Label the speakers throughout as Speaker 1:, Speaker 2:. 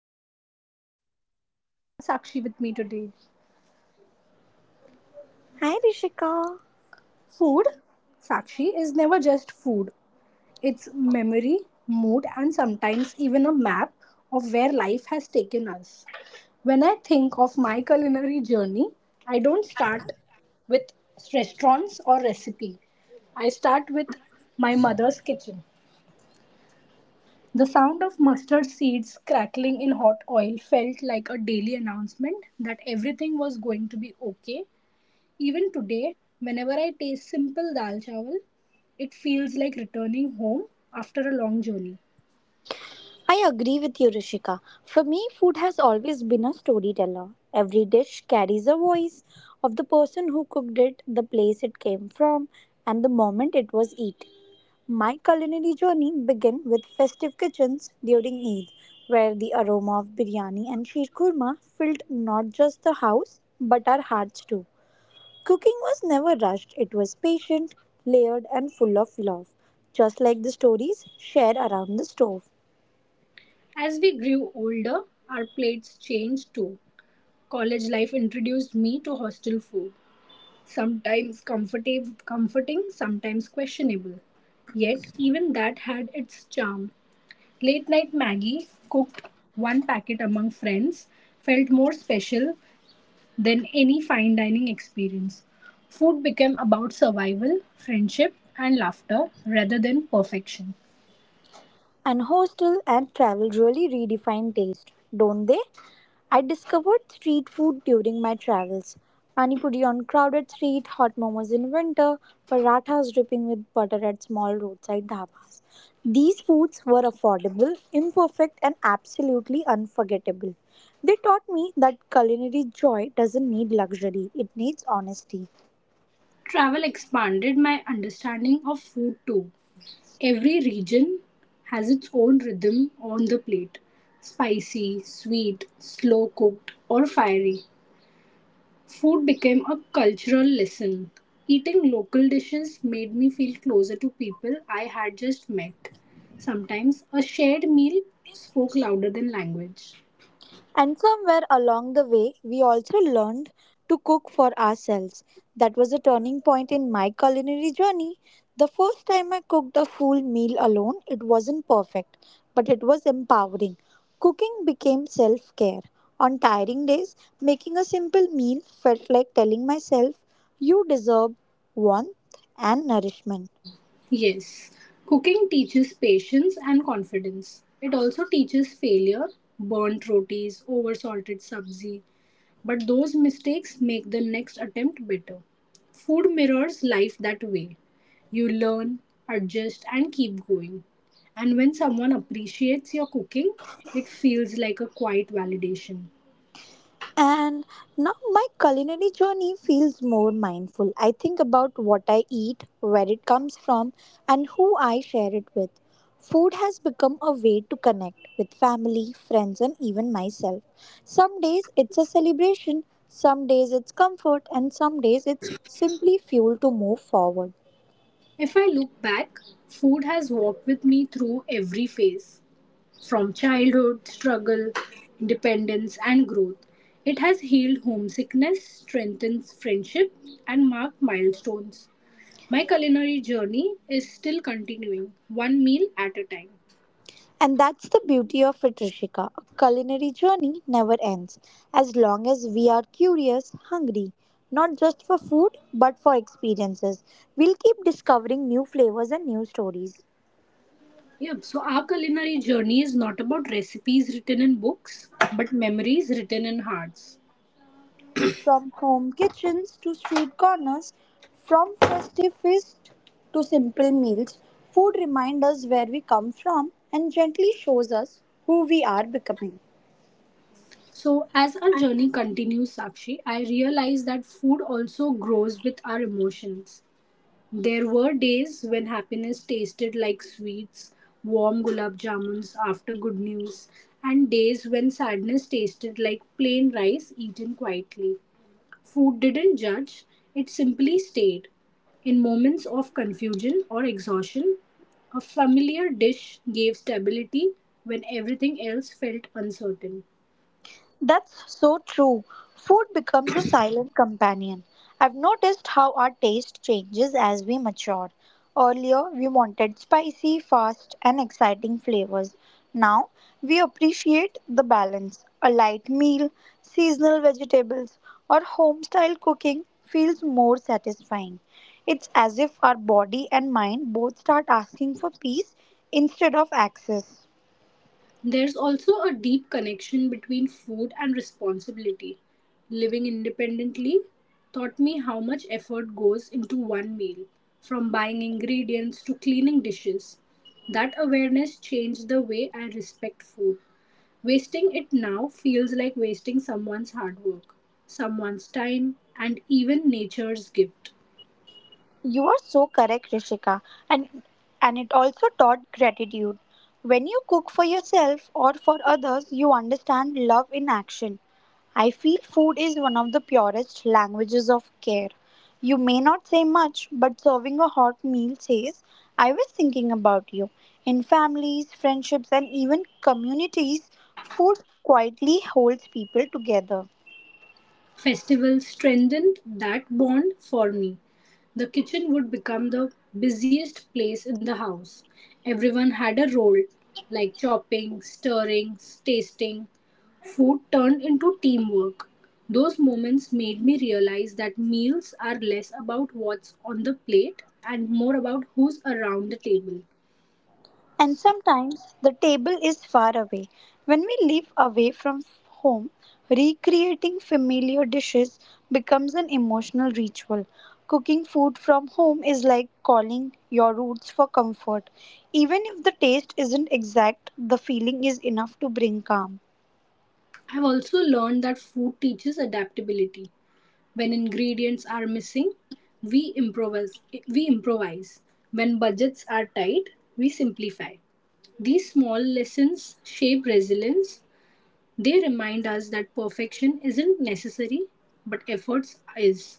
Speaker 1: hi, this is Rishika and I have Sakshi with me today.
Speaker 2: Hi, Rishika.
Speaker 1: Food, Sakshi, is never just food, it's memory, mood, and sometimes even a map of where life has taken us. When I think of my culinary journey, I don't start with restaurants or recipe, I start with my mother's kitchen. The sound of mustard seeds crackling in hot oil felt like a daily announcement that everything was going to be okay. Even today, whenever I taste simple dal chawal, it feels like returning home after a long journey.
Speaker 2: I agree with you, Rishika. For me, food has always been a storyteller. Every dish carries a voice of the person who cooked it, the place it came from, and the moment it was eaten. My culinary journey began with festive kitchens during Eid, where the aroma of biryani and sheer kurma filled not just the house but our hearts too. Cooking was never rushed, it was patient, layered, and full of love, just like the stories shared around the stove.
Speaker 1: As we grew older, our plates changed too. College life introduced me to hostel food, sometimes comforting, sometimes questionable. Yet, even that had its charm. Late night Maggie, cooked one packet among friends, felt more special than any fine dining experience. Food became about survival, friendship, and laughter rather than perfection.
Speaker 2: And hostel and travel really redefine taste, don't they? I discovered street food during my travels. Panipuri on crowded street, hot momos in winter, parathas dripping with butter at small roadside dhabas. These foods were affordable, imperfect, and absolutely unforgettable. They taught me that culinary joy doesn't need luxury, it needs honesty.
Speaker 1: Travel expanded my understanding of food too. Every region has its own rhythm on the plate, spicy, sweet, slow cooked, or fiery. Food became a cultural lesson. Eating local dishes made me feel closer to people I had just met. Sometimes a shared meal spoke louder than language.
Speaker 2: And somewhere along the way, we also learned to cook for ourselves. That was a turning point in my culinary journey. The first time I cooked a full meal alone, it wasn't perfect, but it was empowering. Cooking became self care. On tiring days, making a simple meal felt like telling myself, you deserve warmth and nourishment.
Speaker 1: Yes, cooking teaches patience and confidence. It also teaches failure, burnt rotis, over salted sabzi, but those mistakes make the next attempt better. Food mirrors life that way. You learn, adjust, and keep going. And when someone appreciates your cooking, it feels like a quiet validation.
Speaker 2: And now my culinary journey feels more mindful. I think about what I eat, where it comes from, and who I share it with. Food has become a way to connect with family, friends, and even myself. Some days it's a celebration, some days it's comfort, and some days it's simply fuel to move forward.
Speaker 1: If I look back, food has walked with me through every phase, from childhood, struggle, independence, and growth. It has healed homesickness, strengthened friendship, and marked milestones. My culinary journey is still continuing, one meal at a time.
Speaker 2: And that's the beauty of it, Rishika. A culinary journey never ends as long as we are curious, hungry, not just for food but for experiences. We'll keep discovering new flavors and new stories.
Speaker 1: Yep, so our culinary journey is not about recipes written in books, but memories written in hearts.
Speaker 2: From home kitchens to street corners, from festive feast to simple meals, food reminds us where we come from and gently shows us who we are becoming.
Speaker 1: So, as our journey continues, Sakshi, I realize that food also grows with our emotions. There were days when happiness tasted like sweets, warm gulab jamuns after good news, and days when sadness tasted like plain rice eaten quietly. Food didn't judge, it simply stayed. In moments of confusion or exhaustion, a familiar dish gave stability when everything else felt uncertain.
Speaker 2: That's so true. Food becomes a silent companion. I've noticed how our taste changes as we mature. Earlier, we wanted spicy, fast, and exciting flavors. Now, we appreciate the balance. A light meal, seasonal vegetables, or home style cooking feels more satisfying. It's as if our body and mind both start asking for peace instead of access.
Speaker 1: There's also a deep connection between food and responsibility. Living independently taught me how much effort goes into one meal, from buying ingredients to cleaning dishes. That awareness changed the way I respect food. Wasting it now feels like wasting someone's hard work, someone's time, and even nature's gift.
Speaker 2: You are so correct, Rishika, and and it also taught gratitude. When you cook for yourself or for others, you understand love in action. I feel food is one of the purest languages of care. You may not say much, but serving a hot meal says, I was thinking about you. In families, friendships, and even communities, food quietly holds people together.
Speaker 1: Festivals strengthened that bond for me. The kitchen would become the busiest place in the house. Everyone had a role, like chopping, stirring, tasting. Food turned into teamwork. Those moments made me realize that meals are less about what's on the plate and more about who's around the table.
Speaker 2: And sometimes the table is far away. When we live away from home, recreating familiar dishes becomes an emotional ritual. Cooking food from home is like calling your roots for comfort. Even if the taste isn't exact, the feeling is enough to bring calm.
Speaker 1: I've also learned that food teaches adaptability. When ingredients are missing, we improvise. we improvise. When budgets are tight, we simplify. These small lessons shape resilience. They remind us that perfection isn't necessary, but efforts is.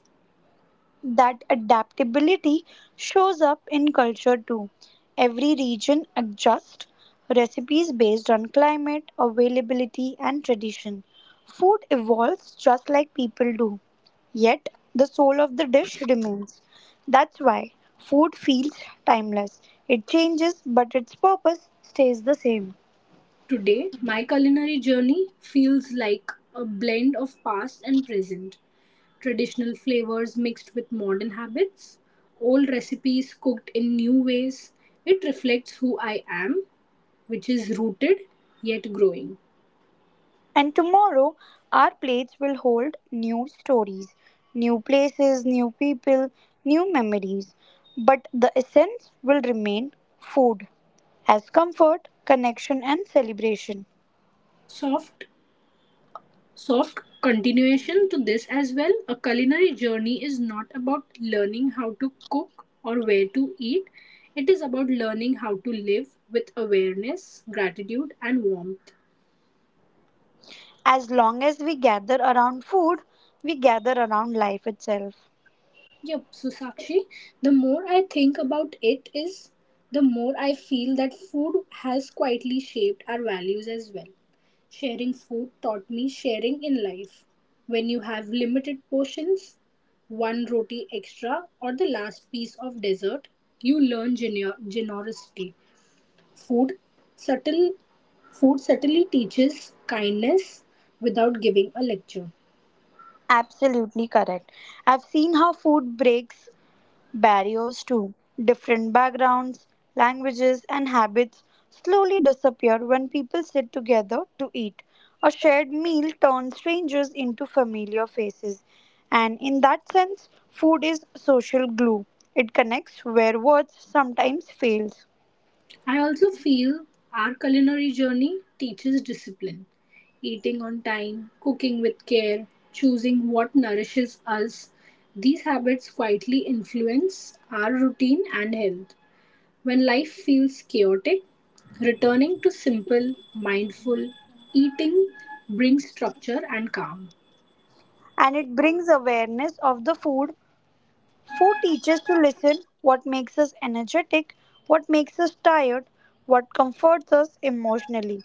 Speaker 2: That adaptability shows up in culture too. Every region adjusts recipes based on climate, availability, and tradition. Food evolves just like people do, yet the soul of the dish remains. That's why food feels timeless. It changes, but its purpose stays the same.
Speaker 1: Today, my culinary journey feels like a blend of past and present, traditional flavors mixed with modern habits, old recipes cooked in new ways. It reflects who I am, which is rooted yet growing.
Speaker 2: And tomorrow, our plates will hold new stories, new places, new people, new memories. But the essence will remain food as comfort, connection, and celebration.
Speaker 1: Soft, soft continuation to this as well. A culinary journey is not about learning how to cook or where to eat, it is about learning how to live with awareness, gratitude, and warmth.
Speaker 2: As long as we gather around food, we gather around life itself.
Speaker 1: Yep, so Sakshi, the more I think about it is the more I feel that food has quietly shaped our values as well. Sharing food taught me sharing in life. When you have limited portions, one roti extra or the last piece of dessert, you learn generosity. Food subtle Food subtly teaches kindness without giving a lecture.
Speaker 2: Absolutely correct. I've seen how food breaks barriers too. Different backgrounds, languages, and habits slowly disappear when people sit together to eat. A shared meal turns strangers into familiar faces. And in that sense, food is social glue. It connects where words sometimes fails.
Speaker 1: I also feel our culinary journey teaches discipline. Eating on time, cooking with care, choosing what nourishes us, these habits quietly influence our routine and health. When life feels chaotic, returning to simple, mindful eating brings structure and calm.
Speaker 2: And it brings awareness of the food for teachers to listen what makes us energetic, what makes us tired, what comforts us emotionally.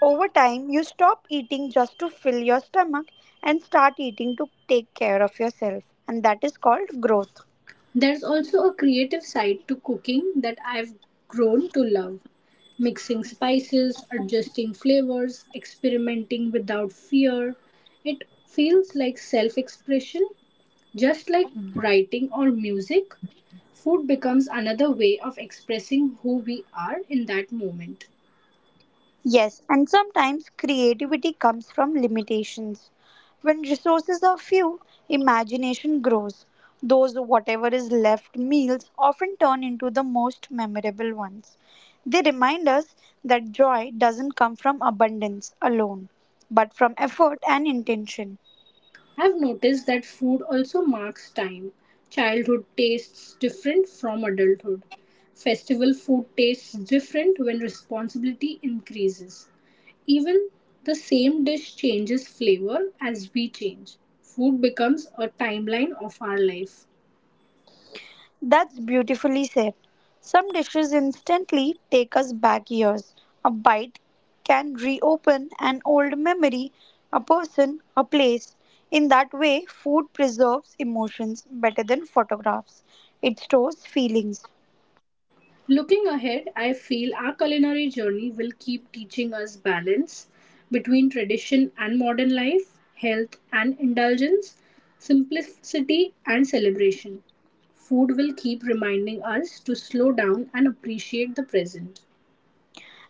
Speaker 2: Over time, you stop eating just to fill your stomach and start eating to take care of yourself, and that is called growth.
Speaker 1: There's also a creative side to cooking that I've grown to love. Mixing spices, adjusting flavors, experimenting without fear. It feels like self expression, just like writing or music. Food becomes another way of expressing who we are in that moment.
Speaker 2: Yes, and sometimes creativity comes from limitations. When resources are few, imagination grows. Those whatever is left meals often turn into the most memorable ones. They remind us that joy doesn't come from abundance alone, but from effort and intention.
Speaker 1: I've noticed that food also marks time. Childhood tastes different from adulthood. Festival food tastes different when responsibility increases. Even the same dish changes flavor as we change. Food becomes a timeline of our life.
Speaker 2: That's beautifully said. Some dishes instantly take us back years. A bite can reopen an old memory, a person, a place. In that way, food preserves emotions better than photographs. It stores feelings.
Speaker 1: Looking ahead, I feel our culinary journey will keep teaching us balance between tradition and modern life, health and indulgence, simplicity and celebration. Food will keep reminding us to slow down and appreciate the present.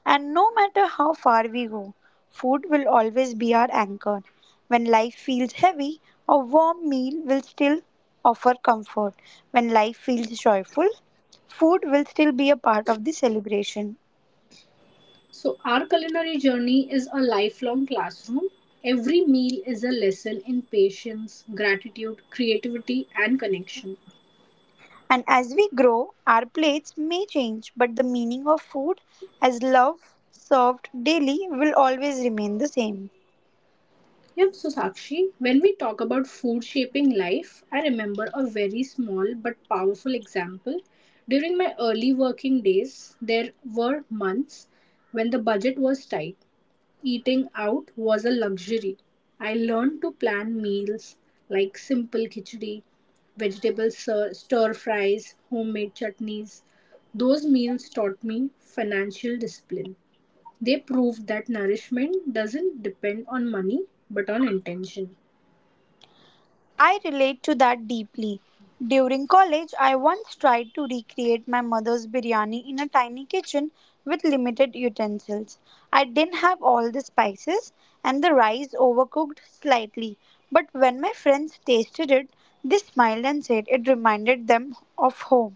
Speaker 2: And no matter how far we go, food will always be our anchor. When life feels heavy, a warm meal will still offer comfort. When life feels joyful, food will still be a part of the celebration.
Speaker 1: So, our culinary journey is a lifelong classroom. Every meal is a lesson in patience, gratitude, creativity, and connection.
Speaker 2: And as we grow, our plates may change, but the meaning of food as love served daily will always remain the same.
Speaker 1: Yep, so Sakshi, when we talk about food shaping life, I remember a very small but powerful example. During my early working days, there were months when the budget was tight. Eating out was a luxury. I learned to plan meals like simple khichdi, vegetable stir fries, homemade chutneys. Those meals taught me financial discipline. They proved that nourishment doesn't depend on money but on intention.
Speaker 2: I relate to that deeply. During college, I once tried to recreate my mother's biryani in a tiny kitchen with limited utensils. I didn't have all the spices and the rice overcooked slightly, but when my friends tasted it, they smiled and said it reminded them of home.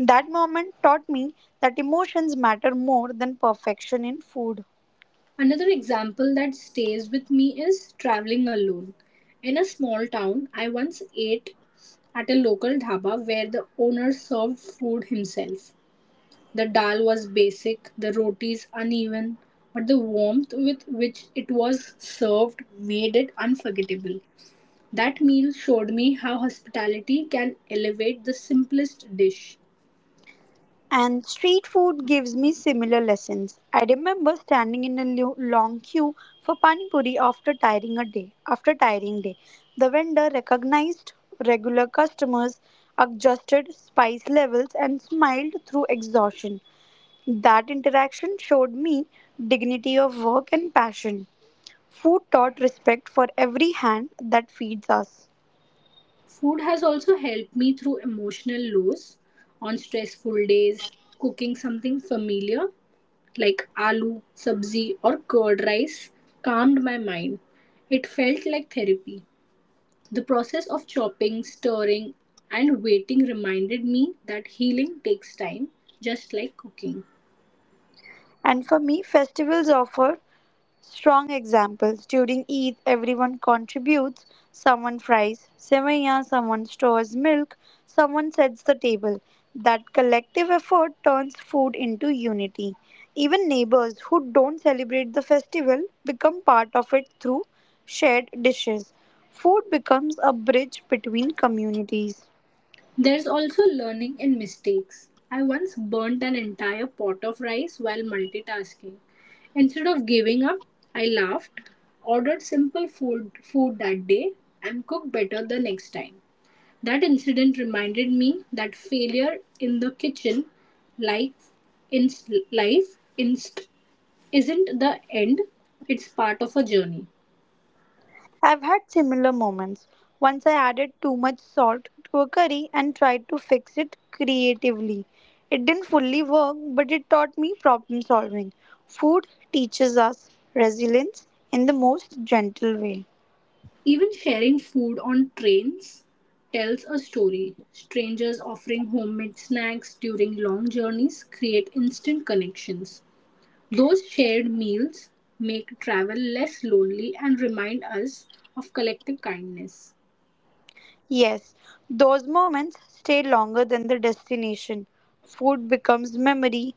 Speaker 2: That moment taught me that emotions matter more than perfection in food.
Speaker 1: Another example that stays with me is traveling alone. In a small town, I once ate at a local dhaba where the owner served food himself. The dal was basic, the rotis uneven, but the warmth with which it was served made it unforgettable. That meal showed me how hospitality can elevate the simplest dish.
Speaker 2: And street food gives me similar lessons. I remember standing in a long queue for pani puri after tiring a day. After tiring day, the vendor recognized regular customers, adjusted spice levels, and smiled through exhaustion. That interaction showed me dignity of work and passion. Food taught respect for every hand that feeds us.
Speaker 1: Food has also helped me through emotional lows on stressful days. Cooking something familiar like aloo, sabzi, or curd rice calmed my mind. It felt like therapy. The process of chopping, stirring, and waiting reminded me that healing takes time, just like cooking.
Speaker 2: And for me, festivals offer strong examples. During Eid, everyone contributes. Someone fries semaya, someone stores milk, someone sets the table. That collective effort turns food into unity. Even neighbors who don't celebrate the festival become part of it through shared dishes. Food becomes a bridge between communities.
Speaker 1: There's also learning in mistakes. I once burnt an entire pot of rice while multitasking. Instead of giving up, I laughed, ordered simple food that day, and cooked better the next time. That incident reminded me that failure in the kitchen, like in life, isn't the end, it's part of a journey.
Speaker 2: I've had similar moments. Once I added too much salt to a curry and tried to fix it creatively. It didn't fully work, but it taught me problem solving. Food teaches us resilience in the most gentle way.
Speaker 1: Even sharing food on trains tells a story. Strangers offering homemade snacks during long journeys create instant connections. Those shared meals make travel less lonely and remind us of collective kindness.
Speaker 2: Yes, those moments stay longer than the destination. Food becomes memory.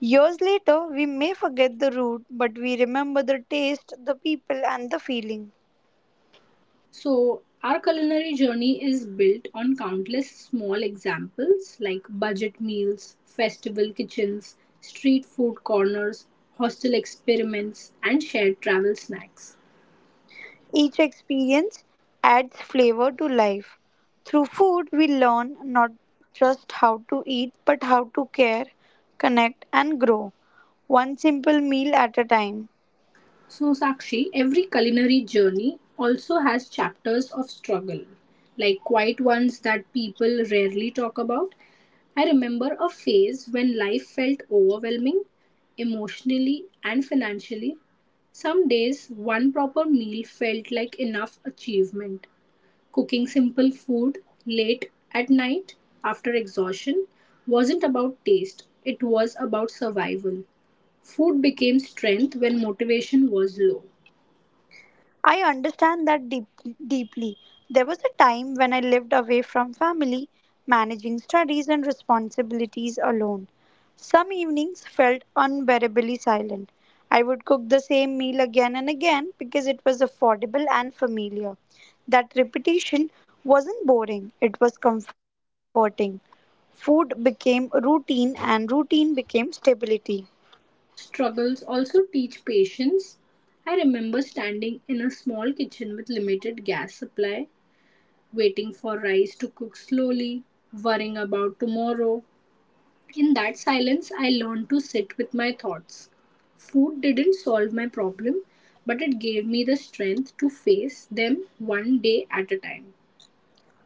Speaker 2: Years later, we may forget the route, but we remember the taste, the people, and the feeling.
Speaker 1: So, our culinary journey is built on countless small examples like budget meals, festival kitchens, street food corners, hostel experiments, and shared travel snacks.
Speaker 2: Each experience adds flavor to life. Through food, we learn not just how to eat, but how to care, connect, and grow, one simple meal at a time.
Speaker 1: So, Sakshi, every culinary journey also has chapters of struggle, like quiet ones that people rarely talk about. I remember a phase when life felt overwhelming, emotionally and financially. Some days, one proper meal felt like enough achievement. Cooking simple food late at night after exhaustion wasn't about taste, it was about survival. Food became strength when motivation was low.
Speaker 2: I understand that deeply. There was a time when I lived away from family, managing studies and responsibilities alone. Some evenings felt unbearably silent. I would cook the same meal again and again because it was affordable and familiar. That repetition wasn't boring, it was comforting. Food became routine, and routine became stability.
Speaker 1: Struggles also teach patience. I remember standing in a small kitchen with limited gas supply, waiting for rice to cook slowly, worrying about tomorrow. In that silence, I learned to sit with my thoughts. Food didn't solve my problem, but it gave me the strength to face them one day at a time.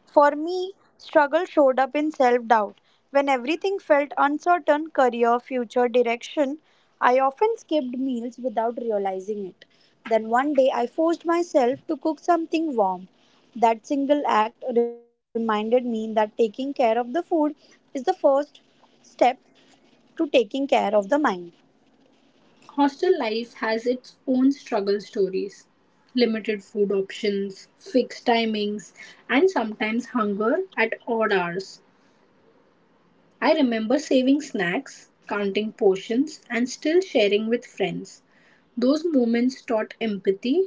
Speaker 2: For me, struggle showed up in self doubt. When everything felt uncertain career, future, direction I often skipped meals without realizing it. Then one day I forced myself to cook something warm. That single act reminded me that taking care of the food is the first step to taking care of the mind.
Speaker 1: Hostel life has its own struggle stories, limited food options, fixed timings, and sometimes hunger at odd hours. I remember saving snacks, counting portions, and still sharing with friends. Those moments taught empathy.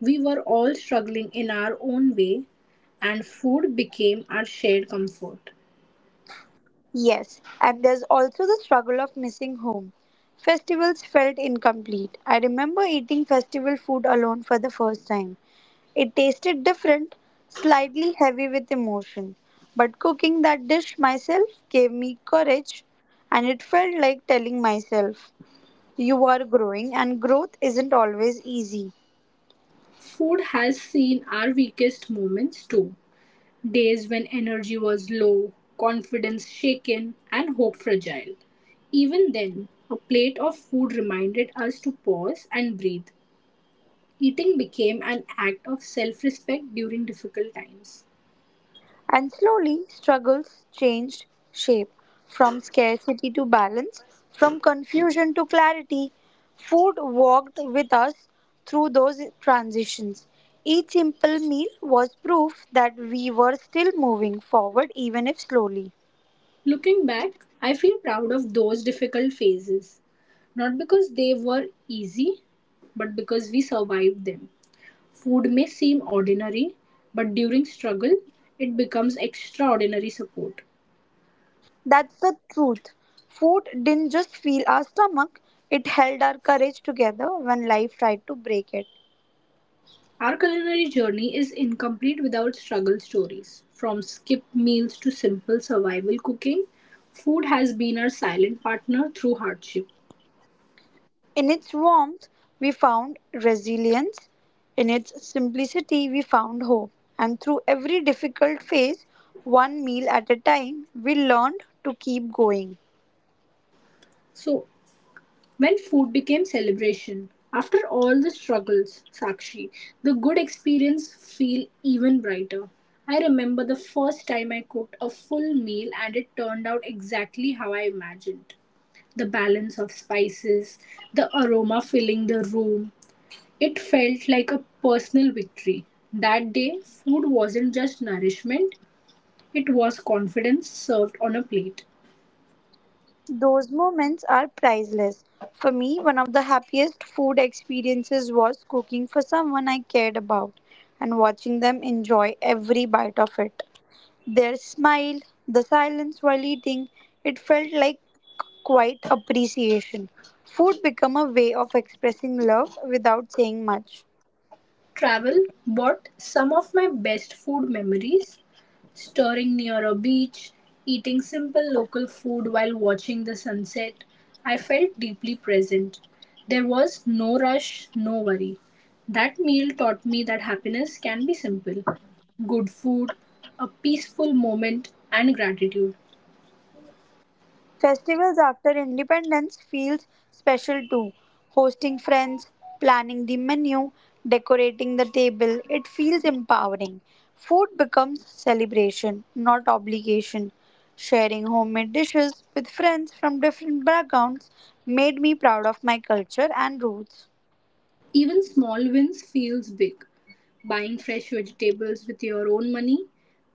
Speaker 1: We were all struggling in our own way, and food became our shared comfort.
Speaker 2: Yes, and there's also the struggle of missing home. Festivals felt incomplete. I remember eating festival food alone for the first time. It tasted different, slightly heavy with emotion. But cooking that dish myself gave me courage, and it felt like telling myself, you are growing, and growth isn't always easy.
Speaker 1: Food has seen our weakest moments too. Days when energy was low, confidence shaken, and hope fragile. Even then, a plate of food reminded us to pause and breathe. Eating became an act of self respect during difficult times.
Speaker 2: And slowly, struggles changed shape from scarcity to balance, from confusion to clarity. Food walked with us through those transitions. Each simple meal was proof that we were still moving forward, even if slowly.
Speaker 1: Looking back, I feel proud of those difficult phases, not because they were easy, but because we survived them. Food may seem ordinary, but during struggle, it becomes extraordinary support.
Speaker 2: That's the truth. Food didn't just fill our stomach, it held our courage together when life tried to break it.
Speaker 1: Our culinary journey is incomplete without struggle stories. From skipped meals to simple survival cooking, food has been our silent partner through hardship.
Speaker 2: In its warmth, we found resilience. In its simplicity, we found hope. And through every difficult phase, one meal at a time, we learned to keep going.
Speaker 1: So, when food became celebration, after all the struggles, Sakshi, the good experience feel even brighter. I remember the first time I cooked a full meal and it turned out exactly how I imagined, the balance of spices, the aroma filling the room, it felt like a personal victory. That day, food wasn't just nourishment, it was confidence served on a plate.
Speaker 2: Those moments are priceless. For me, one of the happiest food experiences was cooking for someone I cared about and watching them enjoy every bite of it. Their smile, the silence while eating, it felt like quite appreciation. Food became a way of expressing love without saying much.
Speaker 1: Travel brought some of my best food memories, stirring near a beach, eating simple local food while watching the sunset, I felt deeply present. There was no rush, no worry. That meal taught me that happiness can be simple, good food, a peaceful moment, and gratitude.
Speaker 2: Festivals after independence feels special too. Hosting friends, planning the menu, decorating the table, it feels empowering. Food becomes celebration, not obligation. Sharing homemade dishes with friends from different backgrounds made me proud of my culture and roots.
Speaker 1: Even small wins feels big. Buying fresh vegetables with your own money,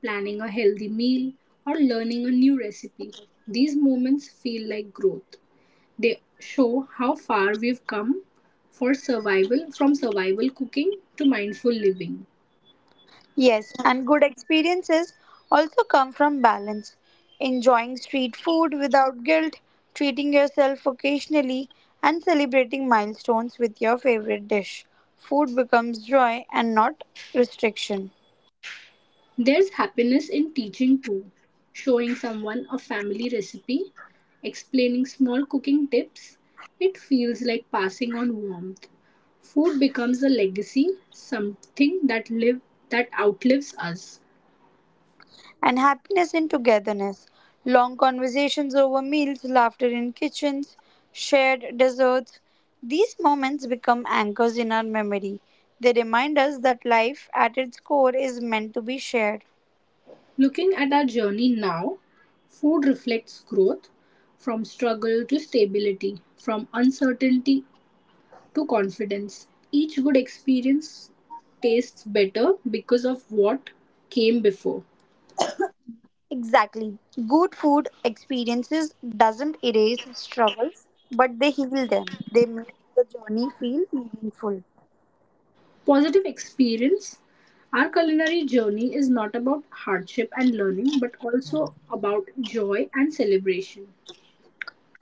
Speaker 1: planning a healthy meal, or learning a new recipe. These moments feel like growth. They show how far we've come for survival, from survival cooking to mindful living.
Speaker 2: Yes, and good experiences also come from balance. Enjoying street food without guilt, treating yourself occasionally, and celebrating milestones with your favorite dish. Food becomes joy and not restriction.
Speaker 1: There's happiness in teaching too, showing someone a family recipe, explaining small cooking tips. It feels like passing on warmth. Food becomes a legacy, something that live that outlives us.
Speaker 2: And happiness in togetherness. Long conversations over meals, laughter in kitchens, shared desserts. These moments become anchors in our memory. They remind us that life at its core is meant to be shared.
Speaker 1: Looking at our journey now, food reflects growth from struggle to stability, from uncertainty to confidence. Each good experience tastes better because of what came before.
Speaker 2: Exactly. Good food experiences doesn't erase struggles, but they heal them. They make the journey feel meaningful.
Speaker 1: Positive experience. Our culinary journey is not about hardship and learning, but also about joy and celebration.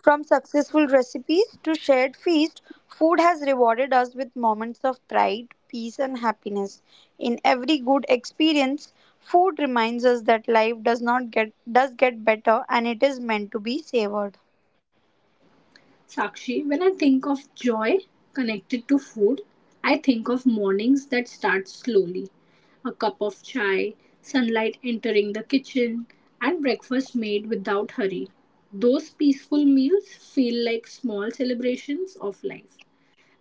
Speaker 2: From successful recipes to shared feast, food has rewarded us with moments of pride, peace and happiness. In every good experience, food reminds us that life does not get does get better and it is meant to be savored.
Speaker 1: Sakshi, when I think of joy connected to food, I think of mornings that start slowly. A cup of chai, sunlight entering the kitchen, and breakfast made without hurry. Those peaceful meals feel like small celebrations of life.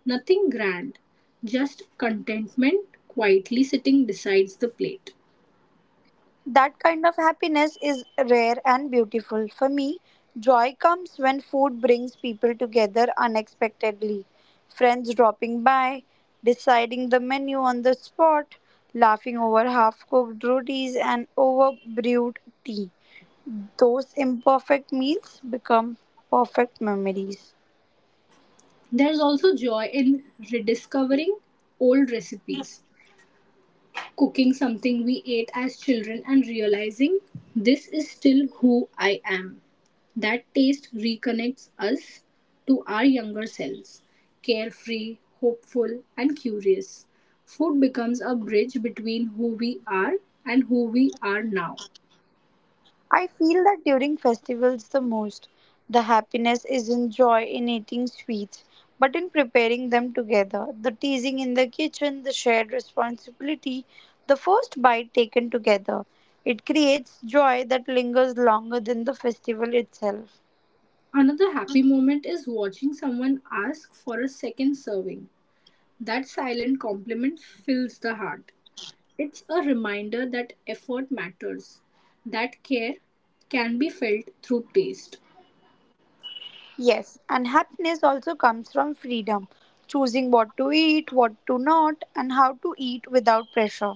Speaker 1: Nothing grand, just contentment quietly sitting besides the plate.
Speaker 2: That kind of happiness is rare and beautiful. For me, joy comes when food brings people together unexpectedly. Friends dropping by, deciding the menu on the spot, laughing over half cooked rotis and over brewed tea. Those imperfect meals become perfect memories.
Speaker 1: There's also joy in rediscovering old recipes, cooking something we ate as children and realizing this is still who I am. That taste reconnects us to our younger selves, carefree, hopeful, and curious. Food becomes a bridge between who we are and who we are now.
Speaker 2: I feel that during festivals the most, the happiness is in joy in eating sweets, but in preparing them together, the teasing in the kitchen, the shared responsibility, the first bite taken together. It creates joy that lingers longer than the festival itself.
Speaker 1: Another happy moment is watching someone ask for a second serving. That silent compliment fills the heart. It's a reminder that effort matters, that care can be felt through taste.
Speaker 2: Yes, and happiness also comes from freedom, choosing what to eat, what to not, and how to eat without pressure.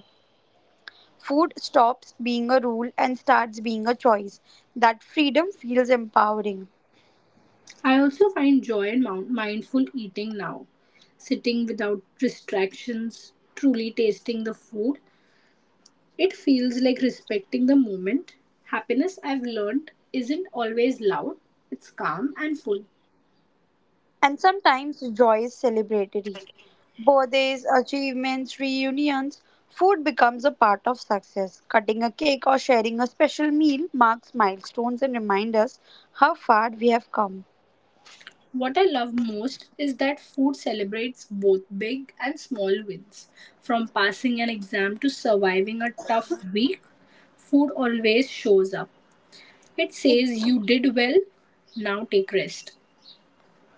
Speaker 2: Food stops being a rule and starts being a choice. That freedom feels empowering.
Speaker 1: I also find joy in mindful eating now. Sitting without distractions, truly tasting the food, it feels like respecting the moment. Happiness, I've learned, isn't always loud, it's calm and full.
Speaker 2: And sometimes joy is celebratory. Birthdays, achievements, reunions, food becomes a part of success. Cutting a cake or sharing a special meal marks milestones and reminds us how far we have come.
Speaker 1: What I love most is that food celebrates both big and small wins. From passing an exam to surviving a tough week, food always shows up. It
Speaker 2: Ex-
Speaker 1: says you did well, now take rest.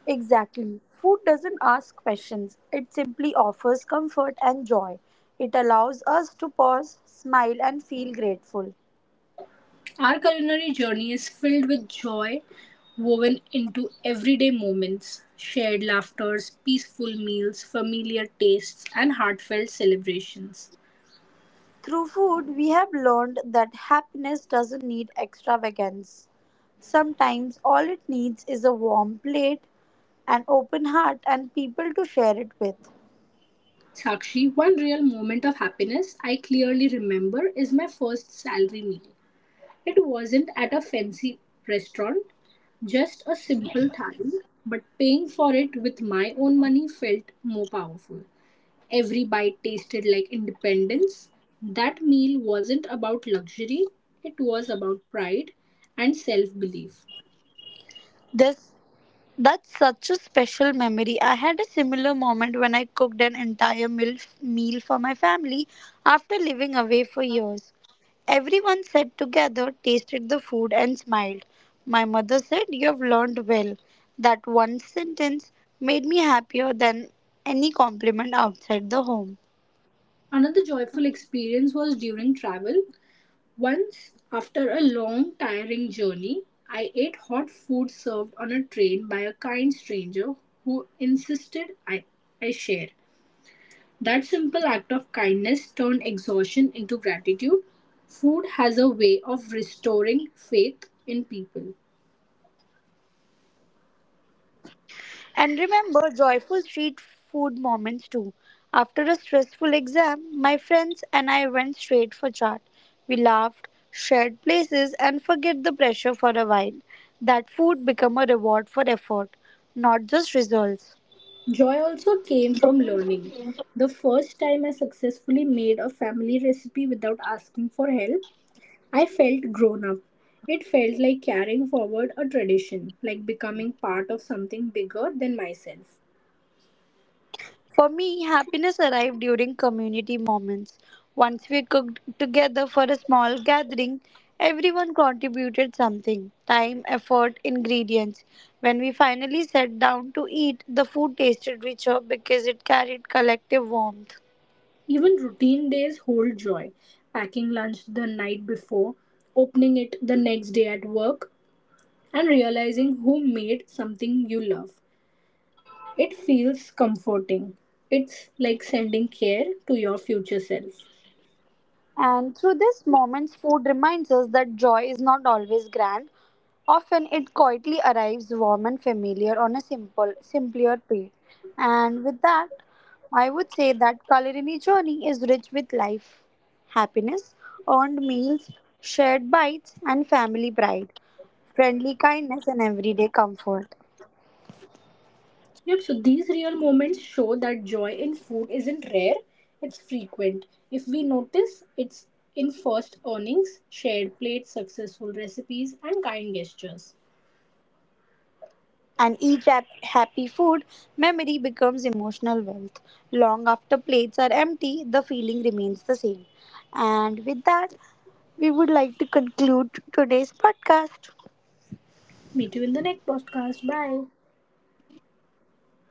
Speaker 2: Exactly. Food doesn't ask questions, it simply offers comfort and joy. It allows us to pause, smile, and feel grateful.
Speaker 1: Our culinary journey is filled with joy woven into everyday moments, shared laughters, peaceful meals, familiar tastes, and heartfelt celebrations.
Speaker 2: Through food, we have learned that happiness doesn't need extravagance. Sometimes all it needs is a warm plate, an open heart, and people to share it with.
Speaker 1: Sakshi, one real moment of happiness I clearly remember is my first salary meal. It wasn't at a fancy restaurant, just a simple thali, but paying for it with my own money felt more powerful. Every bite tasted like independence. That meal wasn't about luxury, it was about pride and self belief.
Speaker 2: This That's such a special memory. I had a similar moment when I cooked an entire meal for my family after living away for years. Everyone sat together, tasted the food, and smiled. My mother said, you have learned well. That one sentence made me happier than any compliment outside the home.
Speaker 1: Another joyful experience was during travel. Once, after a long, tiring journey, I ate hot food served on a train by a kind stranger who insisted I share. That simple act of kindness turned exhaustion into gratitude. Food has a way of restoring faith in people.
Speaker 2: And remember joyful street food moments too. After a stressful exam, my friends and I went straight for chat. We laughed, shared places, and forget the pressure for a while. That food become a reward for effort, not just results.
Speaker 1: Joy also came from learning. The first time I successfully made a family recipe without asking for help, I felt grown up. It felt like carrying forward a tradition, like becoming part of something bigger than myself.
Speaker 2: For me, happiness arrived during community moments. Once we cooked together for a small gathering, everyone contributed something time, effort, ingredients. When we finally sat down to eat, the food tasted richer because it carried collective warmth.
Speaker 1: Even routine days hold joy. Packing lunch the night before, opening it the next day at work, and realizing who made something you love. It feels comforting. It's like sending care to your future self.
Speaker 2: And through these moments, food reminds us that joy is not always grand. Often it quietly arrives warm and familiar on a simpler plate. And with that, I would say that culinary journey is rich with life, happiness, earned meals, shared bites, and family pride, friendly kindness, and everyday comfort.
Speaker 1: Yep, so these real moments show that joy in food isn't rare, it's frequent. If we notice, it's in first earnings, shared plates, successful recipes, and kind gestures.
Speaker 2: And each happy food memory becomes emotional wealth. Long after plates are empty, the feeling remains the same. And with that, we would like to conclude today's podcast.
Speaker 1: Meet you in the next podcast. Bye.
Speaker 2: Bye.